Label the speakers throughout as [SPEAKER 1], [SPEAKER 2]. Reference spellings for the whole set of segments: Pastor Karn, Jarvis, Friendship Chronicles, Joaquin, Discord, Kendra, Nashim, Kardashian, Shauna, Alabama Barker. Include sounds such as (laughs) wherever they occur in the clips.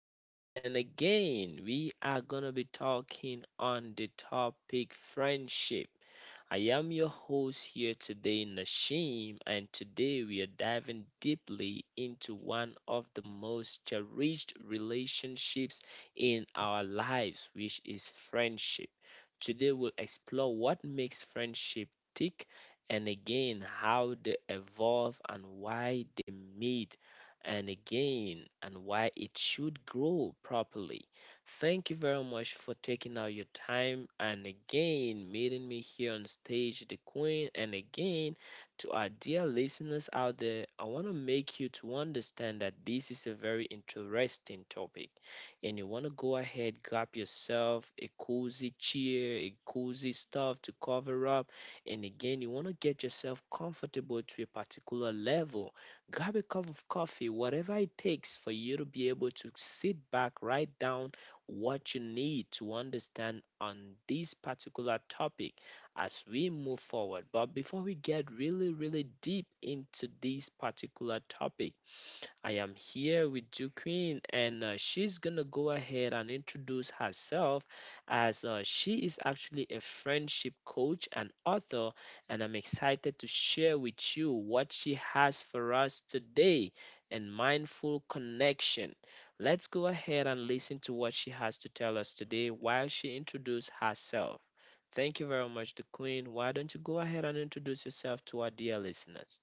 [SPEAKER 1] Queen. And again, we are going to be talking on the topic friendship. I am your host here today, Nashim, and today we are diving deeply into one of the most cherished relationships in our lives, which is friendship. Today we'll explore what makes friendship tick and again how they evolve and why they meet and again and why it should grow properly. Thank you very much for taking out your time and again meeting me here on stage, the Queen. And again, to our dear listeners out there, I want to make you to understand that this is a very interesting topic, and you want to go ahead, grab yourself a cozy chair, a cozy stuff to cover up, and again, you want to get yourself comfortable to a particular level. Grab a cup of coffee, whatever it takes for you to be able to sit back, write down what you need to understand on this particular topic as we move forward. But before we get really, really deep into this particular topic, I am here with Joaquin, and she's gonna go ahead and introduce herself as she is actually a friendship coach and author, and I'm excited to share with you what she has for us today and mindful connection. Let's go ahead and listen to what she has to tell us today while she introduces herself. Thank you very much, the Queen. Why don't you go ahead and introduce yourself to our dear listeners?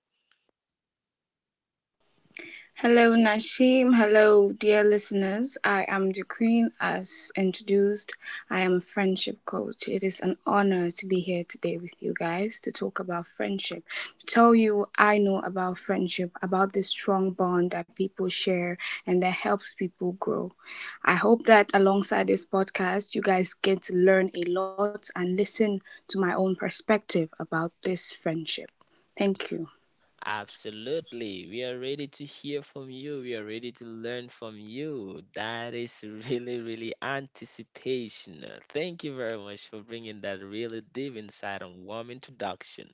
[SPEAKER 2] Hello, Nashim. Hello, dear listeners. I am the Queen. As introduced, I am a friendship coach. It is an honor to be here today with you guys to talk about friendship, to tell you what I know about friendship, about this strong bond that people share and that helps people grow. I hope that alongside this podcast, you guys get to learn a lot and listen to my own perspective about this friendship. Thank you.
[SPEAKER 1] Absolutely. We are ready to hear from you. We are ready to learn from you. That is (laughs) really, really anticipation. Thank you very much for bringing that really deep insight and warm introduction.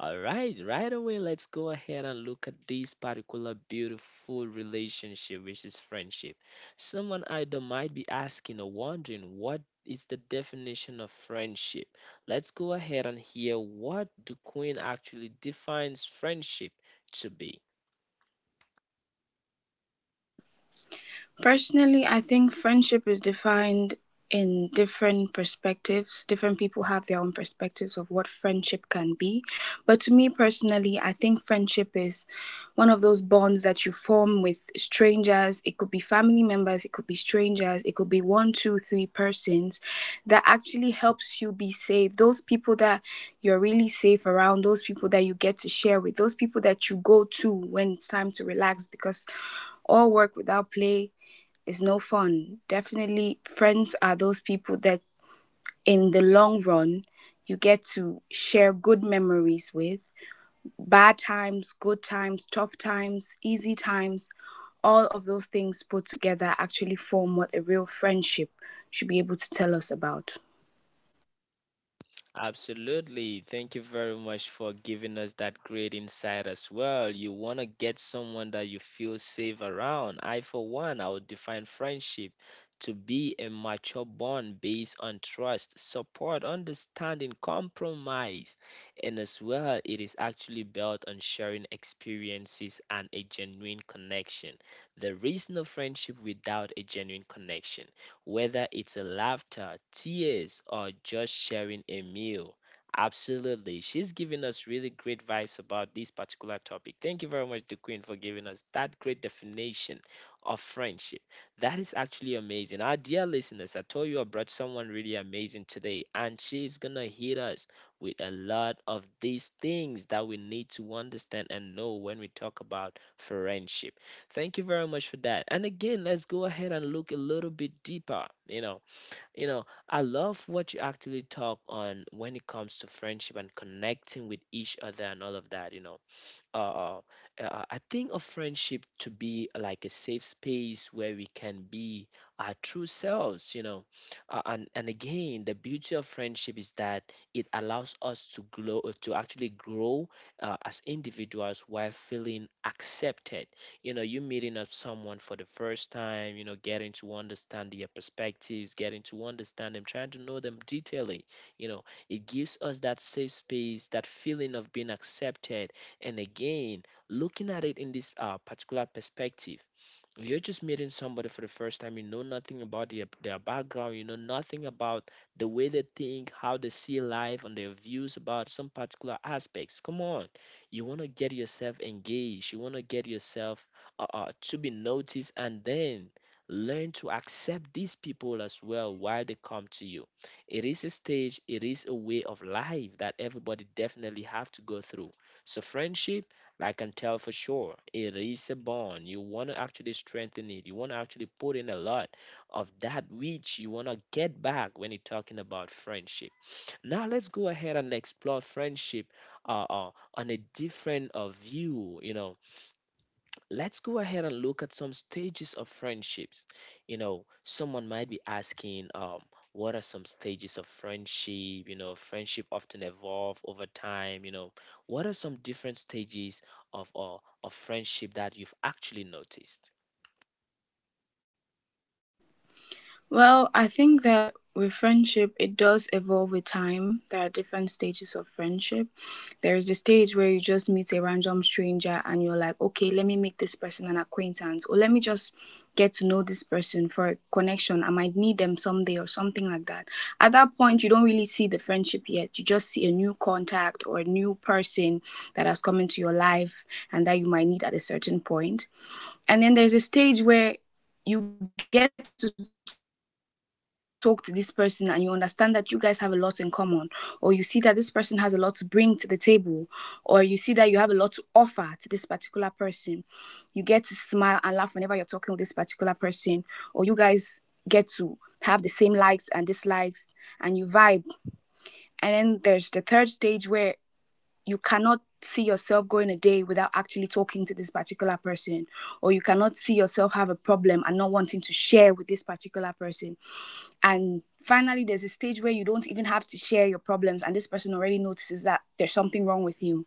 [SPEAKER 1] All right, right away, let's go ahead and look at this particular beautiful relationship, which is friendship. Someone either might be asking or wondering what is the definition of friendship. Let's go ahead and hear what the Queen actually defines friendship to be.
[SPEAKER 2] Personally, I think friendship is defined in different perspectives. Different people have their own perspectives of what friendship can be. But to me personally, I think friendship is one of those bonds that you form with strangers. It could be family members, it could be strangers, it could be one, two, three persons that actually helps you be safe. Those people that you're really safe around, those people that you get to share with, those people that you go to when it's time to relax, because all work without play is no fun. Definitely, friends are those people that, in the long run, you get to share good memories with. Bad times, good times, tough times, easy times, all of those things put together actually form what a real friendship should be able to tell us about.
[SPEAKER 1] Absolutely. Thank you very much for giving us that great insight as well. You want to get someone that you feel safe around. I, for one, I would define friendship to be a mature bond based on trust, support, understanding, compromise. And as well, it is actually built on sharing experiences and a genuine connection. There is no friendship without a genuine connection, whether it's a laughter, tears, or just sharing a meal. Absolutely. She's giving us really great vibes about this particular topic. Thank you very much, the Queen, for giving us that great definition of friendship. That is actually amazing. Our dear listeners, I told you I brought someone really amazing today, and she's gonna hit us with a lot of these things that we need to understand and know when we talk about friendship. Thank you very much for that. And again, let's go ahead and look a little bit deeper. I love what you actually talk on when it comes to friendship and connecting with each other and all of that. Uh, I think of friendship to be like a safe space where we can be our true selves. And again, the beauty of friendship is that it allows us to grow, to actually grow as individuals while feeling accepted. You know, you meeting up someone for the first time, you know, getting to understand their perspectives, getting to understand them, trying to know them detailedly. You know, it gives us that safe space, that feeling of being accepted and again, looking at it in this particular perspective, you're just meeting somebody for the first time. You know nothing about their background. You know nothing about the way they think, how they see life, and their views about some particular aspects. Come on. You want to get yourself engaged. You want to get yourself to be noticed and then learn to accept these people as well while they come to you. It is a stage, it is a way of life that everybody definitely have to go through. So friendship, I can tell for sure, it is a bond. You want to actually strengthen it. You want to actually put in a lot of that which you want to get back when you're talking about friendship. Now let's go ahead and explore friendship on a different view. You know, let's go ahead and look at some stages of friendships. You know, someone might be asking, what are some stages of friendship? You know, friendship often evolve over time. You know, what are some different stages of uh, of friendship that you've actually noticed?
[SPEAKER 2] Well, I think that with friendship, it does evolve with time. There are different stages of friendship. There is the stage where you just meet a random stranger and you're like, okay, let me make this person an acquaintance, or let me just get to know this person for a connection. I might need them someday, or something like that. At that point, you don't really see the friendship yet. You just see a new contact or a new person that has come into your life and that you might need at a certain point. And then there's a stage where you get to talk to this person and you understand that you guys have a lot in common, or you see that this person has a lot to bring to the table, or you see that you have a lot to offer to this particular person. You get to smile and laugh whenever you're talking with this particular person, or you guys get to have the same likes and dislikes and you vibe. And then there's the third stage where you cannot see yourself going a day without actually talking to this particular person, or you cannot see yourself have a problem and not wanting to share with this particular person. And finally, there's a stage where you don't even have to share your problems and this person already notices that there's something wrong with you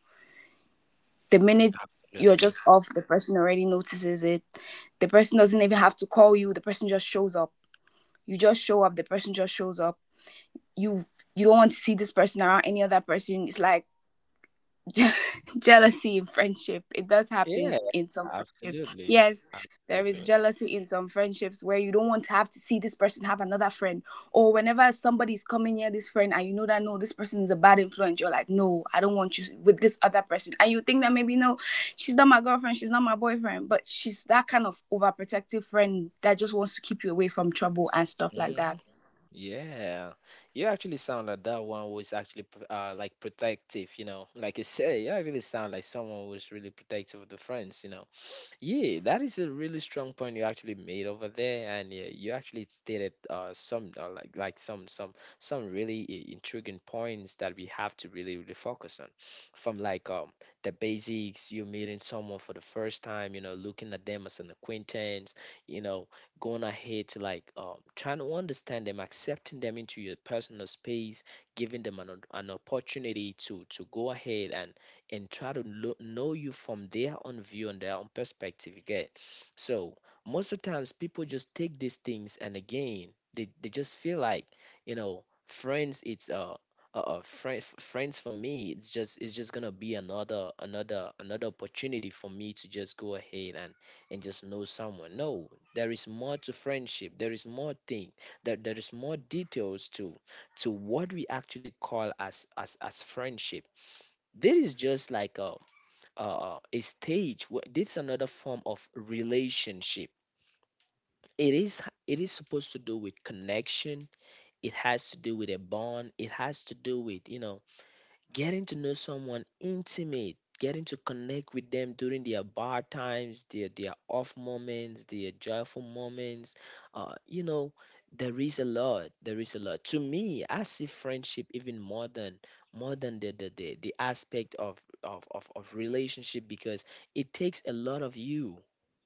[SPEAKER 2] the minute you're just
[SPEAKER 1] Absolutely.
[SPEAKER 2] off. The person already notices it. The person doesn't even have to call you. The person just shows up. You just show up, the person just shows up. You you don't want to see this person around any other person. It's like Je- (laughs) jealousy in friendship. It does happen
[SPEAKER 1] Yeah,
[SPEAKER 2] in some friendships.
[SPEAKER 1] absolutely.
[SPEAKER 2] Yes, there is
[SPEAKER 1] Absolutely.
[SPEAKER 2] jealousy in some friendships where you don't want to have to see this person have another friend, or whenever somebody's coming near this friend and you know that no, this person is a bad influence. You're like, no, I don't want you with this other person. And you think that maybe no, she's not my girlfriend, she's not my boyfriend, but she's that kind of overprotective friend that just wants to keep you away from trouble and stuff like
[SPEAKER 1] Hmm.
[SPEAKER 2] that.
[SPEAKER 1] Yeah. You actually sound like that one was actually like protective, you know. Like you say, you actually sound like someone who's really protective of the friends, you know. Yeah, that is a really strong point you actually made over there, and yeah, you actually stated some like some really intriguing points that we have to really, really focus on, from like the basics, you meeting someone for the first time, you know, looking at them as an acquaintance, you know, going ahead to like trying to understand them, accepting them into your personal space, giving them an opportunity to go ahead and try to know you from their own view and their own perspective you get. So most of the times people just take these things and again they just feel like you know friends it's friends for me it's just, it's just gonna be another opportunity for me to just go ahead and just know someone. No, there is more to friendship. There is more thing that there is more details to what we actually call as friendship. This is just like a stage. This is another form of relationship. It is, it is supposed to do with connection. It has to do with a bond. It has to do with, you know, getting to know someone intimate, getting to connect with them during their bad times, their off moments, their joyful moments. You know, there is a lot. There is a lot. To me, I see friendship even more than the aspect of, of relationship, because it takes a lot of you.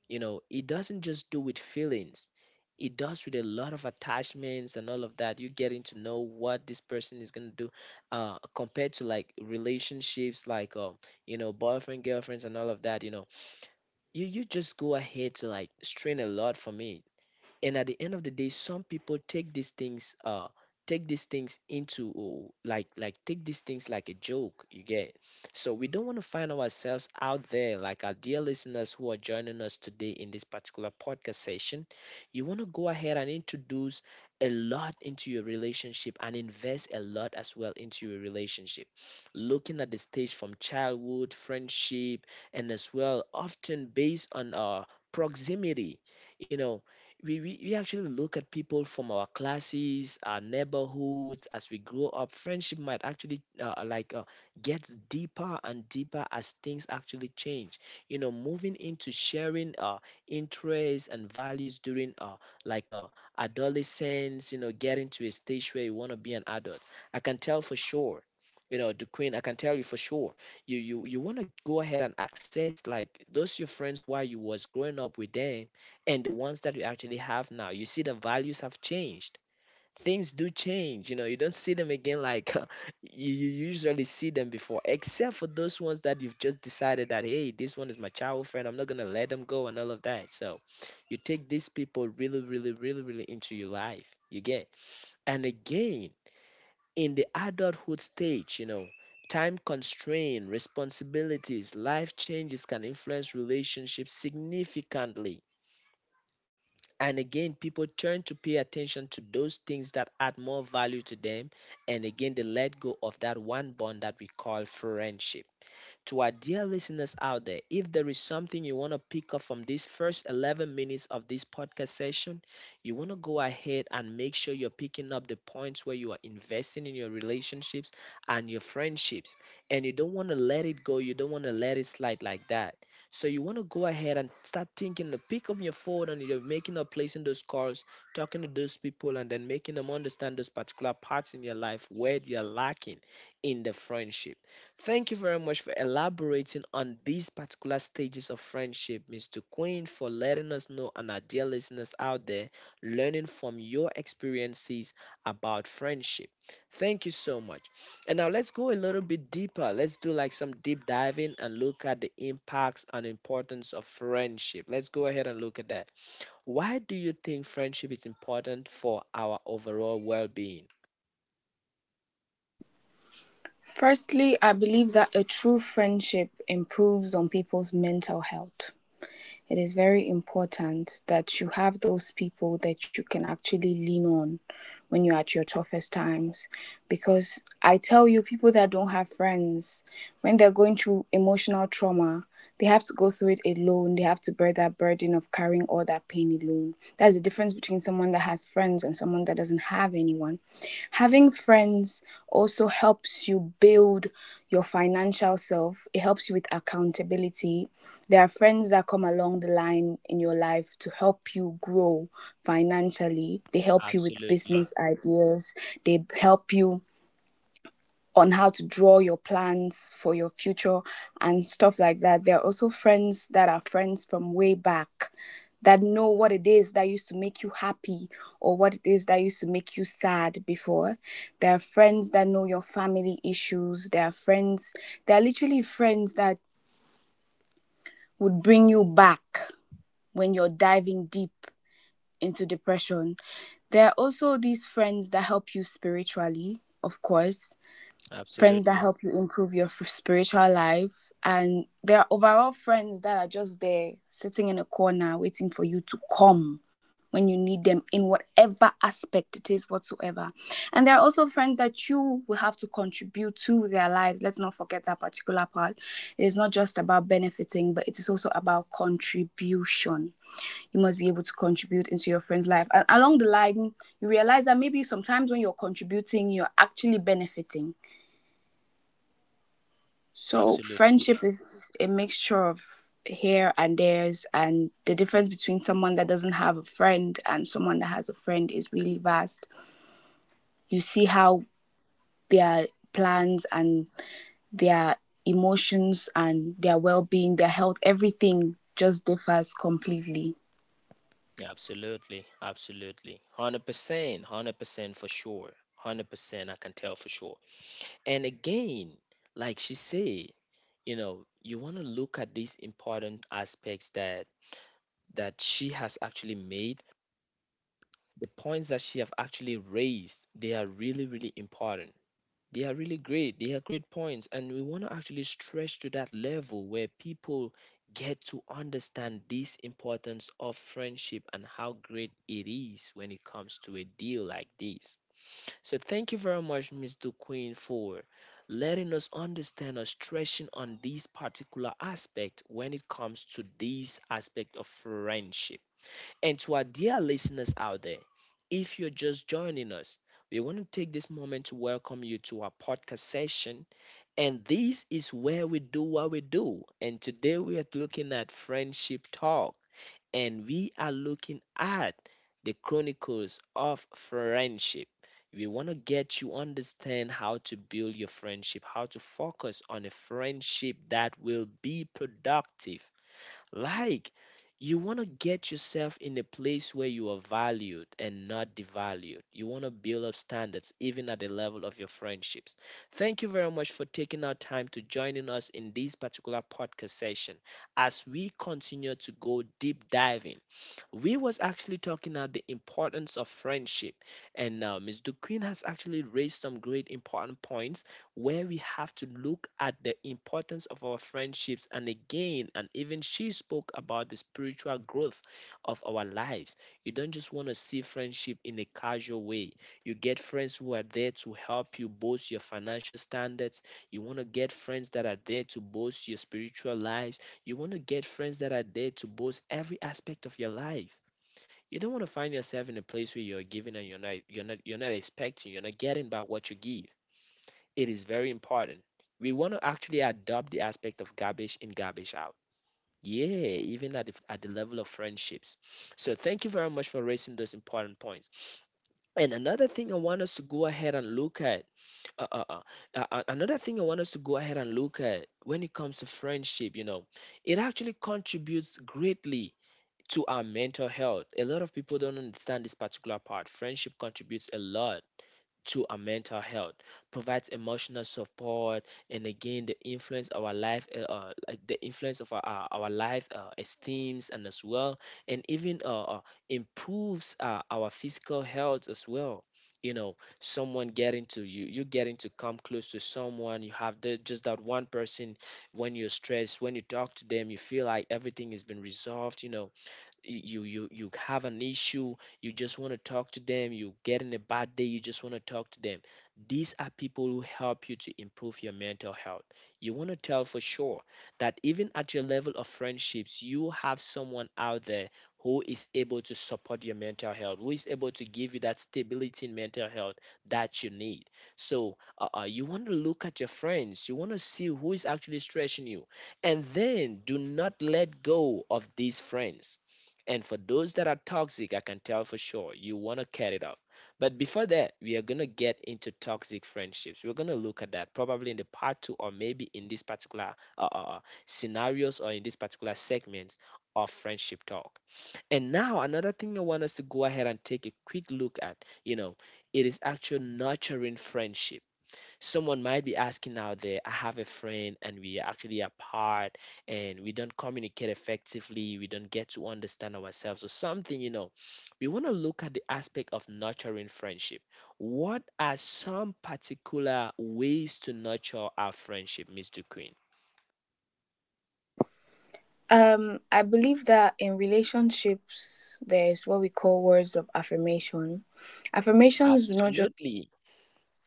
[SPEAKER 1] You know, it doesn't just do with feelings. It does with a lot of attachments and all of that. You are getting to know what this person is gonna do, compared to like relationships, like you know, boyfriend, girlfriends, and all of that. You know, you just go ahead to like strain a lot for me, and at the end of the day, some people take these things into oh, take these things like a joke, you get. So we don't want to find ourselves out there. Like our dear listeners who are joining us today in this particular podcast session, you want to go ahead and introduce a lot into your relationship and invest a lot as well into your relationship, looking at the stage from childhood friendship, and as well often based on proximity. You know, we actually look at people from our classes, our neighborhoods as we grow up. Friendship might actually gets deeper and deeper as things actually change. You know, moving into sharing interests and values during like uh, adolescence. You know, getting to a stage where you want to be an adult. I can tell for sure. You know, the Queen, I can tell you for sure. You want to go ahead and access like those your friends while you was growing up with them and the ones that you actually have now. You see, the values have changed. Things do change. You know, you don't see them again like (laughs) you usually see them before, except for those ones that you've just decided that, hey, this one is my childhood friend. I'm not going to let them go and all of that. So you take these people really, really, really, really into your life. You get. And again, in the adulthood stage, time constraint, responsibilities, life changes can influence relationships significantly. And again, people turn to pay attention to those things that add more value to them. And again, they let go of that one bond that we call friendship. To our dear listeners out there, if there is something you want to pick up from these first 11 minutes of this podcast session, you want to go ahead and make sure you're picking up the points where you are investing in your relationships and your friendships. And you don't want to let it go, you don't want to let it slide like that. So you want to go ahead and start thinking to pick up your phone and you're making or placing those calls, talking to those people, and then making them understand those particular parts in your life where you're lacking in the friendship. Thank you very much for elaborating on these particular stages of friendship, Mr. Queen, for letting us know, and our dear listeners out there learning from your experiences about friendship. Thank you so much. And now let's go a little bit deeper. Let's do like some deep diving and look at the impacts and importance of friendship. Let's go ahead and look at that. Why do you think friendship is important for our overall well being?
[SPEAKER 2] Firstly, I believe that a true friendship improves on people's mental health. It is very important that you have those people that you can actually lean on when you're at your toughest times. Because I tell you, people that don't have friends, when they're going through emotional trauma, they have to go through it alone. They have to bear that burden of carrying all that pain alone. That's the difference between someone that has friends and someone that doesn't have anyone. Having friends also helps you build your financial self. It helps you with accountability. There are friends that come along the line in your life to help you grow financially. They help you with
[SPEAKER 1] Absolutely,
[SPEAKER 2] business ideas. They help you on how to draw your plans for your future and stuff like that. There are also friends that are friends from way back that know what it is that used to make you happy or what it is that used to make you sad before. There are friends that know your family issues. There are literally friends that would bring you back when you're diving deep into depression. There are also these friends that help you spiritually, of course. Friends that
[SPEAKER 1] absolutely,
[SPEAKER 2] help you improve your spiritual life. And there are overall friends that are just there sitting in a corner waiting for you to come when you need them in whatever aspect it is whatsoever. And there are also friends that you will have to contribute to their lives. Let's not forget that particular part. It is not just about benefiting, but it is also about contribution. You must be able to contribute into your friend's life, and along the line you realize that maybe sometimes when you're contributing you're actually benefiting. So
[SPEAKER 1] absolutely.
[SPEAKER 2] friendship is a mixture of here and theirs, and the difference between someone that doesn't have a friend and someone that has a friend is really vast. You see how their plans and their emotions and their well-being, their health, everything just differs completely.
[SPEAKER 1] Absolutely, absolutely. 100%, 100% for sure. 100% I can tell for sure. And again, like she said, you want to look at these important aspects that that she has actually made. The points that she have actually raised, they are really really important. They are really great. They are great points. And we want to actually stretch to that level where people get to understand this importance of friendship and how great it is when it comes to a deal like this. So thank you very much, Ms. Queen, for letting us understand or stretching on this particular aspect when it comes to this aspect of friendship. And to our dear listeners out there, if you're just joining us, we want to take this moment to welcome you to our podcast session. And this is where we do what we do. And today we are looking at friendship talk. And we are looking at the chronicles of friendship. We want to get you understand how to build your friendship, how to focus on a friendship that will be productive like, you want to get yourself in a place where you are valued and not devalued. You want to build up standards even at the level of your friendships. Thank you very much for taking our time to joining us in this particular podcast session as we continue to go deep diving. We was actually talking about the importance of friendship, and Miss Duquesne has actually raised some great important points where we have to look at the importance of our friendships, and again, and even she spoke about the spiritual growth of our lives. You don't just want to see friendship in a casual way. You get friends who are there to help you boost your financial standards. You want to get friends that are there to boost your spiritual lives. You want to get friends that are there to boost every aspect of your life. You don't want to find yourself in a place where you're giving and you're not expecting, you're not getting back what you give. It is very important. We want to actually adopt the aspect of garbage in, garbage out. Yeah, even at the level of friendships. So thank you very much for raising those important points. And another thing I want us to go ahead and look at uh, uh, uh. Another thing I want us to go ahead and look at when it comes to friendship, you know, it actually contributes greatly to our mental health. A lot of people don't understand this particular part. Friendship contributes a lot to our mental health, provides emotional support, and again the influence our life, like the influence of our life esteems and as well, and even improves our physical health as well. You know, someone getting to you, you getting to come close to someone. You have the, just that one person when you're stressed, when you talk to them, you feel like everything has been resolved. You know, you have an issue, you just want to talk to them. You get in a bad day, you just want to talk to them. These are people who help you to improve your mental health. You want to tell for sure that even at your level of friendships you have someone out there who is able to support your mental health, who is able to give you that stability in mental health that you need. So you want to look at your friends, you want to see who is actually stressing you, and then do not let go of these friends. And for those that are toxic, I can tell for sure you want to cut it off. But before that, we are going to get into toxic friendships. We're going to look at that probably in the part two, or maybe in this particular scenarios, or in this particular segments of friendship talk. And now, another thing I want us to go ahead and take a quick look at, you know, it is actual nurturing friendship. Someone might be asking out there, I have a friend and we are actually apart and we don't communicate effectively, we don't get to understand ourselves or something, you know. We want to look at the aspect of nurturing friendship. What are some particular ways to nurture our friendship, Mr. Queen?
[SPEAKER 2] I believe that in relationships, there's what we call words of affirmation. Affirmations do not just
[SPEAKER 1] Absolutely.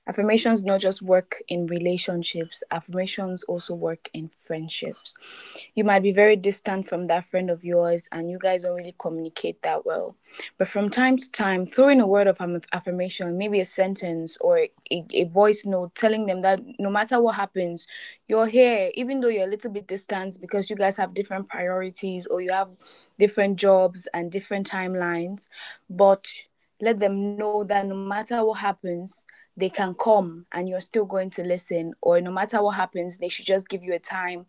[SPEAKER 2] Affirmations not just work in relationships, affirmations also work in friendships. You might be very distant from that friend of yours and you guys don't really communicate that well, but from time to time throwing a word of affirmation, maybe a sentence or a voice note telling them that no matter what happens you're here, even though you're a little bit distant because you guys have different priorities or you have different jobs and different timelines. But let them know that no matter what happens, they can come and you're still going to listen, or no matter what happens, they should just give you a time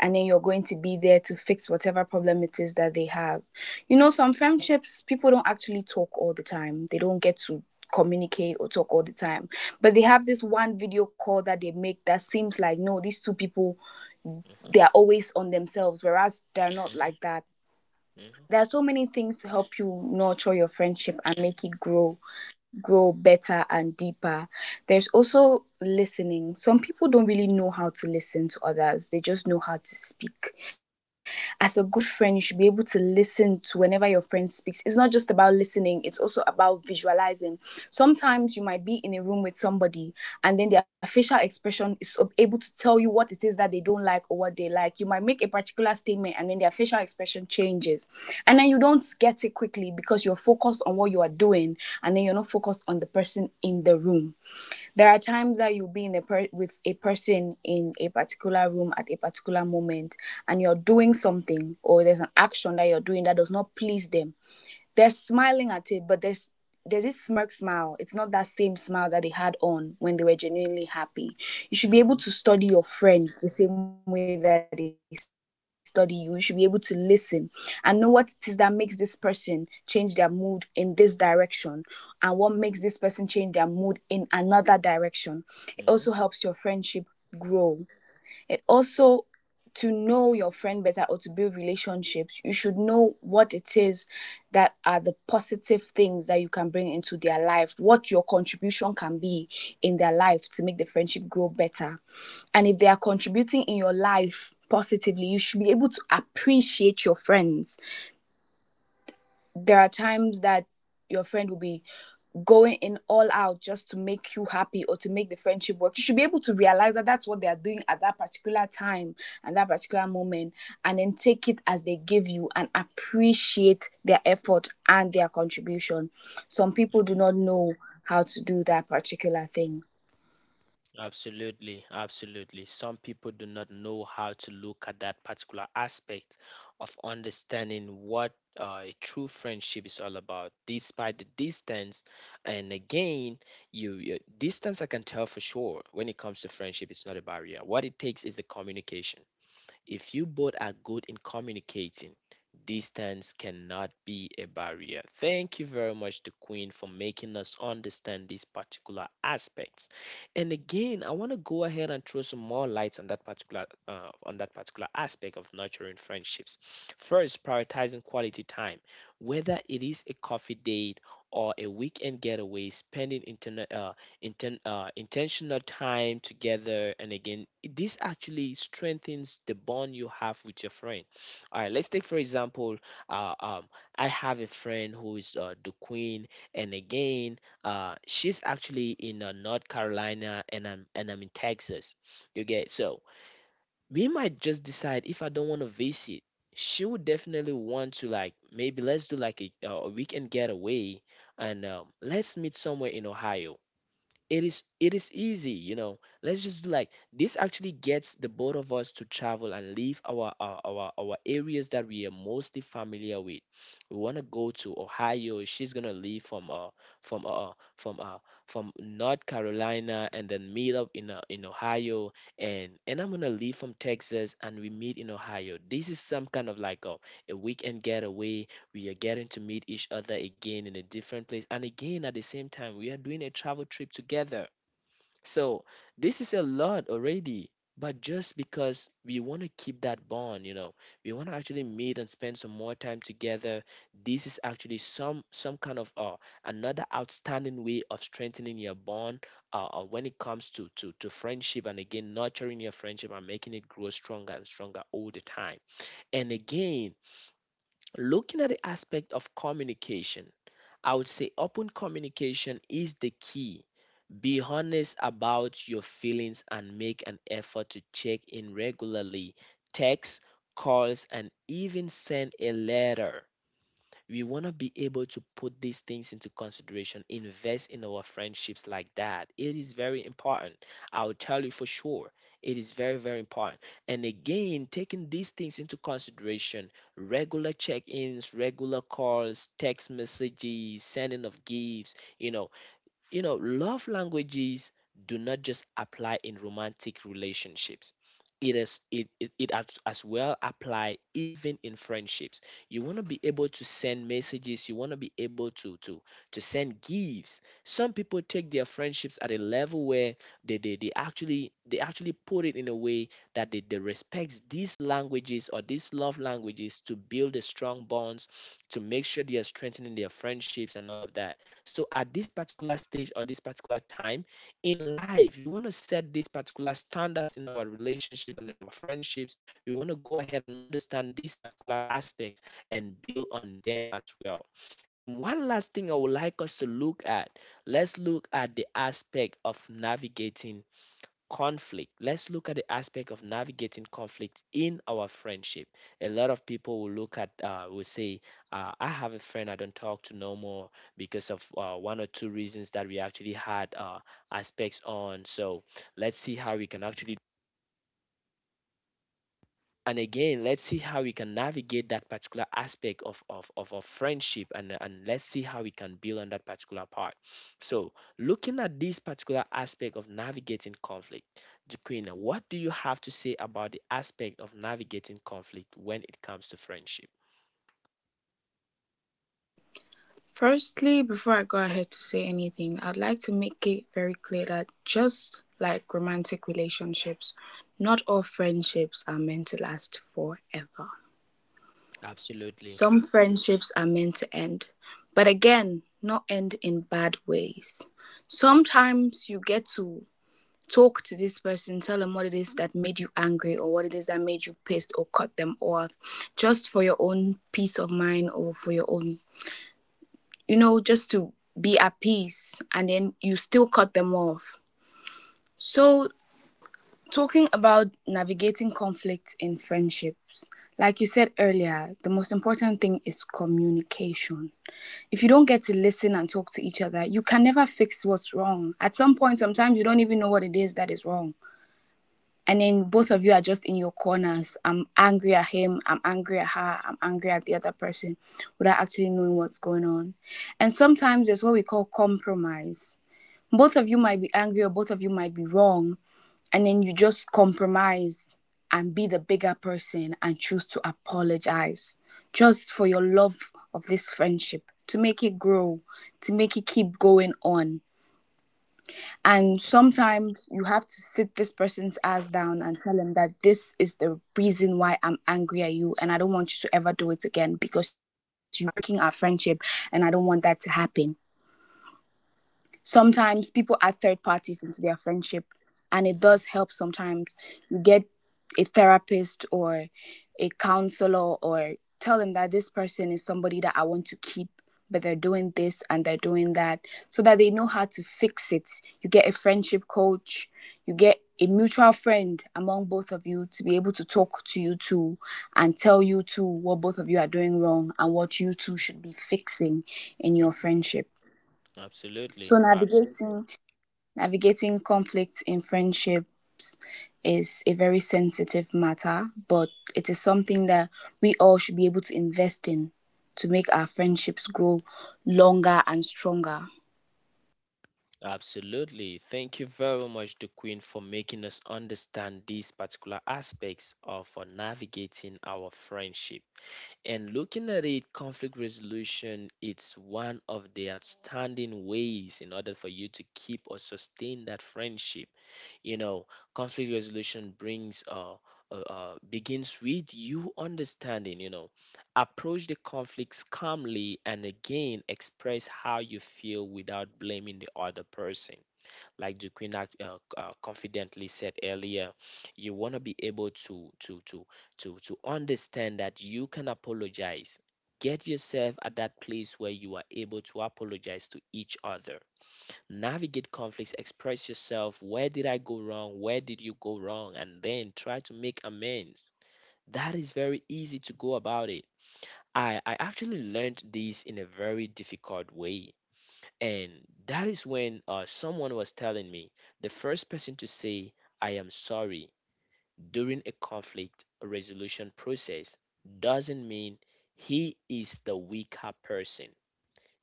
[SPEAKER 2] and then you're going to be there to fix whatever problem it is that they have. You know, some friendships, people don't actually talk all the time, they don't get to communicate or talk all the time, but they have this one video call that they make that seems like no, these two people,
[SPEAKER 1] Hmm.
[SPEAKER 2] they are always on themselves, whereas they're not
[SPEAKER 1] Hmm.
[SPEAKER 2] like that. There are so many things to help you nurture your friendship and make it grow better and deeper. There's also listening. Some people don't really know how to listen to others, they just know how to speak. As a good friend, you should be able to listen to whenever your friend speaks. It's not just about listening, it's also about visualizing. Sometimes you might be in a room with somebody and then their facial expression is able to tell you what it is that they don't like or what they like. You might make a particular statement and then their facial expression changes. And then you don't get it quickly because you're focused on what you are doing and then you're not focused on the person in the room. There are times that you'll be in a with a person in a particular room at a particular moment and you're doing something or there's an action that you're doing that does not please them. They're smiling at it, but there's this smirk smile. It's not that same smile that they had on when they were genuinely happy. You should be
[SPEAKER 1] Hmm.
[SPEAKER 2] able to study your friend the same way that they study you. You should be able to listen and know what it is that makes this person change their mood in this direction and what makes this person change their mood in another direction. It also helps your
[SPEAKER 1] Hmm.
[SPEAKER 2] friendship grow. It also, to know your friend better or to build relationships, you should know what it is that are the positive things that you can bring into their life, what your contribution can be in their life to make the friendship grow better. And if they are contributing in your life positively, you should be able to appreciate your friends. There are times that your friend will be going in all out just to make you happy or to make the friendship work. You should be able to realize that that's what they are doing at that particular time and that particular moment, and then take it as they give you and appreciate their effort and their contribution. Some people do
[SPEAKER 1] Hmm.
[SPEAKER 2] not know how to do that particular thing.
[SPEAKER 1] Absolutely, absolutely. Some people do not know how to look at that particular aspect of understanding what a true friendship is all about, despite the distance. And again, you distance I can tell for sure when it comes to friendship, it's not a barrier. What it takes is the communication. If you both are good in communicating, distance cannot be a barrier. Thank you very much to Queen for making us understand these particular aspects. And again, I want to go ahead and throw some more lights on that particular aspect of nurturing friendships. First, prioritizing quality time, whether it is a coffee date or a weekend getaway, spending internet intentional time together, and again this actually strengthens the bond you have with your friend. All right, let's take for example, uh, um, I have a friend who is the queen, and again she's actually in North Carolina, and I'm in Texas. You get. So we might just decide, if I don't want to visit, she would definitely want to like maybe let's do like a weekend getaway, and let's meet somewhere in Ohio. It is easy, you know. Let's just do like this, actually gets the both of us to travel and leave our areas that we are mostly familiar with. We want to go to Ohio. She's gonna leave from from uh from uh from North Carolina, and then meet up in Ohio. And I'm gonna leave from Texas and we meet in Ohio. This is some kind of like a weekend getaway. We are getting to meet each other again in a different place, and again at the same time we are doing a travel trip together. So this is a lot already, but just because we want to keep that bond, you know, we want to actually meet and spend some more time together. This is actually some kind of another outstanding way of strengthening your bond when it comes to, to friendship, and again nurturing your friendship and making it grow stronger and stronger all the time. And again, looking at the aspect of communication, I would say open communication is the key. Be honest about your feelings and make an effort to check in regularly. Text, calls, and even send a letter. We want to be able to put these things into consideration, invest in our friendships like that. It is very important. I'll tell you for sure, it is very very important. And again, taking these things into consideration, regular check-ins, regular calls, text messages, sending of gifts, you know, love languages do not just apply in romantic relationships. It is it as well apply even in friendships. You want to be able to send messages, you want to be able to send gifts. Some people take their friendships at a level where they actually put it in a way that they respect these languages or these love languages to build a strong bonds, to make sure they are strengthening their friendships and all of that. So at this particular stage or this particular time in life, we want to set these particular standards in our relationships and in our friendships. We want to go ahead and understand these particular aspects and build on them as well. And one last thing I would like us to look at, let's look at the aspect of navigating conflict. Let's look at the aspect of navigating conflict in our friendship. A lot of people will look at will say, I have a friend I don't talk to no more because of one or two reasons that we actually had aspects on. So let's see how we can actually, and again let's see how we can navigate that particular aspect of friendship, and let's see how we can build on that particular part. So looking at this particular aspect of navigating conflict, Jaquina, what do you have to say about the aspect of navigating conflict when it comes to friendship?
[SPEAKER 2] Firstly, before I go ahead to say anything, I'd like to make it very clear that just like romantic relationships, not all friendships are meant to last forever.
[SPEAKER 1] Absolutely.
[SPEAKER 2] Some friendships are meant to end, but again, not end in bad ways. Sometimes you get to talk to this person, tell them what it is that made you angry or what it is that made you pissed, or cut them off, just for your own peace of mind or for your own, you know, just to be at peace, and then you still cut them off. So, talking about navigating conflict in friendships, like you said earlier, the most important thing is communication. If you don't get to listen and talk to each other, you can never fix what's wrong. At some point, sometimes you don't even know what it is that is wrong, and then both of you are just in your corners. I'm angry at him, I'm angry at her, I'm angry at the other person, without actually knowing what's going on. And sometimes there's what we call compromise. Both of you might be angry or both of you might be wrong, and then you just compromise and be the bigger person and choose to apologize, just for your love of this friendship, to make it grow, to make it keep going on. And sometimes you have to sit this person's ass down and tell them that this is the reason why I'm angry at you, and I don't want you to ever do it again because you are breaking our friendship, and I don't want that to happen. Sometimes people add third parties into their friendship, and it does
[SPEAKER 1] Absolutely.
[SPEAKER 2] help sometimes. You get a therapist or a counselor, or tell them that this person is somebody that I want to keep, but they're doing this and they're doing that, so that they know how to fix it. You get a friendship coach, you get a mutual friend among both of you to be able to talk to you two and tell you two what both of you are doing wrong and what you two should be fixing in your friendship. So
[SPEAKER 1] Absolutely.
[SPEAKER 2] navigating conflict in friendships is a very sensitive matter, but it is something that we all should be able to invest in to make our friendships grow longer and stronger.
[SPEAKER 1] Absolutely. Thank you very much, the Queen, for making us understand these particular aspects of navigating our friendship. And looking at it, conflict resolution, it's one of the outstanding ways in order for you to keep or sustain that friendship. You know, conflict resolution brings begins with you understanding. You know, approach the conflicts calmly and again express how you feel without blaming the other person, like the queen act, confidently said earlier. You want to be able to understand that you can apologize, get yourself at that place where you are able to apologize to each other, navigate conflicts, express yourself. Where did I go wrong? Where did you go wrong? And then try to make amends. That is very easy to go about it. I actually learned this in a very difficult way. And that is when someone was telling me the first person to say, I am sorry, during a conflict resolution process, doesn't mean he is the weaker person.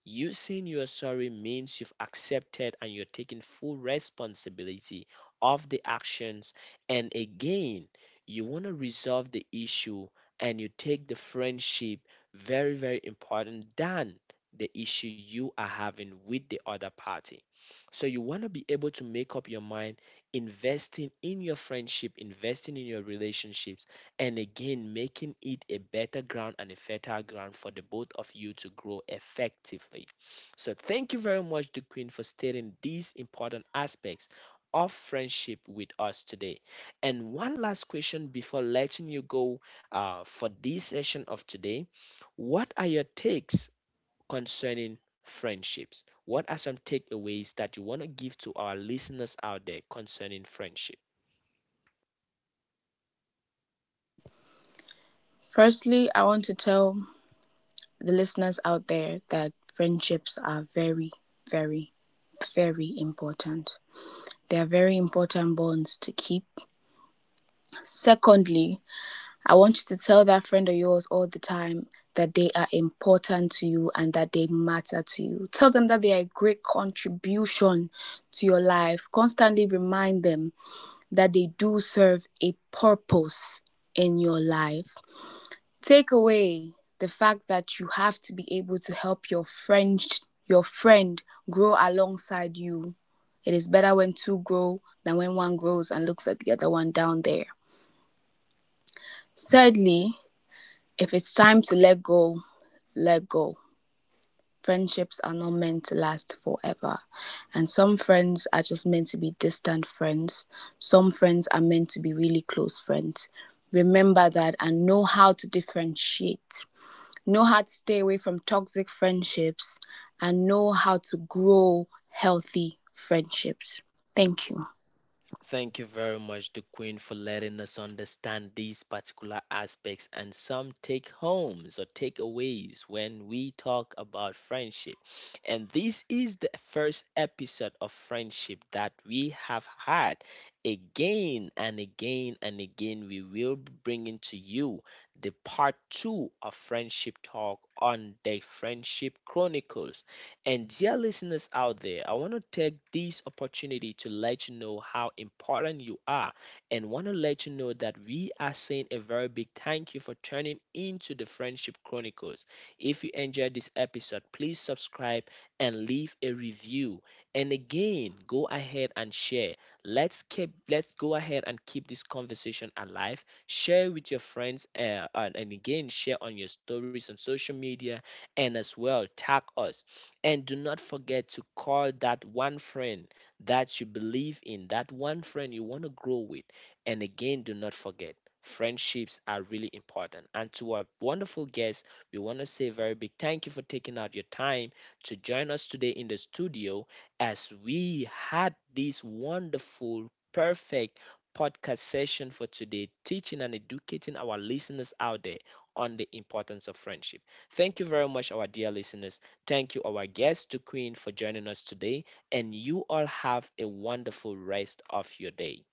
[SPEAKER 1] You saying you're sorry means you've accepted and you're taking full responsibility of the actions. And again, you want to resolve the issue and you take the friendship very, very important than the issue you are having with the other party. So you want to be able to make up your mind, investing in your friendship, investing in your relationships, and again, making it a better ground and a fertile ground for the both of you to grow effectively. So thank you very much, the Queen, for stating these important aspects of friendship with us today. And one last question before letting you go, for this session of today. What are your takes concerning friendships? What are some takeaways that you want to give to our listeners out there concerning friendship?
[SPEAKER 2] Firstly, I want to tell the listeners out there that friendships are very, very, very important. They are very important bonds to keep. Secondly, I want you to tell that friend of yours all the time that they are important to you and that they matter to you. Tell them that they are a great contribution to your life. Constantly remind them that they do serve a purpose in your life. Take away the fact that you have to be able to help your friend, your friend, grow alongside you. It is better when two grow than when one grows and looks at the other one down there. Thirdly, if it's time to let go, let go. Friendships are not meant to last forever. And some friends are just meant to be distant friends. Some friends are meant to be really close friends. Remember that and know how to differentiate. Know how to stay away from toxic friendships and know how to grow healthy friendships. Thank you.
[SPEAKER 1] Thank you very much, the Queen, for letting us understand these particular aspects and some take homes or takeaways when we talk about friendship. And this is the first episode of friendship that we have had. Again and again and again, we will be bringing to you the part two of friendship talk on the Friendship Chronicles. And dear listeners out there, I want to take this opportunity to let you know how important you are, and want to let you know that we are saying a very big thank you for tuning into the Friendship Chronicles. If you enjoyed this episode, please subscribe and leave a review. And again, go ahead and share. Let's go ahead and keep this conversation alive. Share with your friends, and again share on your stories on social media, and as well tag us, and do not forget to call that one friend that you believe in, that one friend you want to grow with. And again, do not forget, friendships are really important. And to our wonderful guests, we want to say a very big thank you for taking out your time to join us today in the studio as we had this wonderful, perfect podcast session for today, teaching and educating our listeners out there on the importance of friendship. Thank you very much, our dear listeners. Thank you, our guest, to Queen, for joining us today, and you all have a wonderful rest of your day.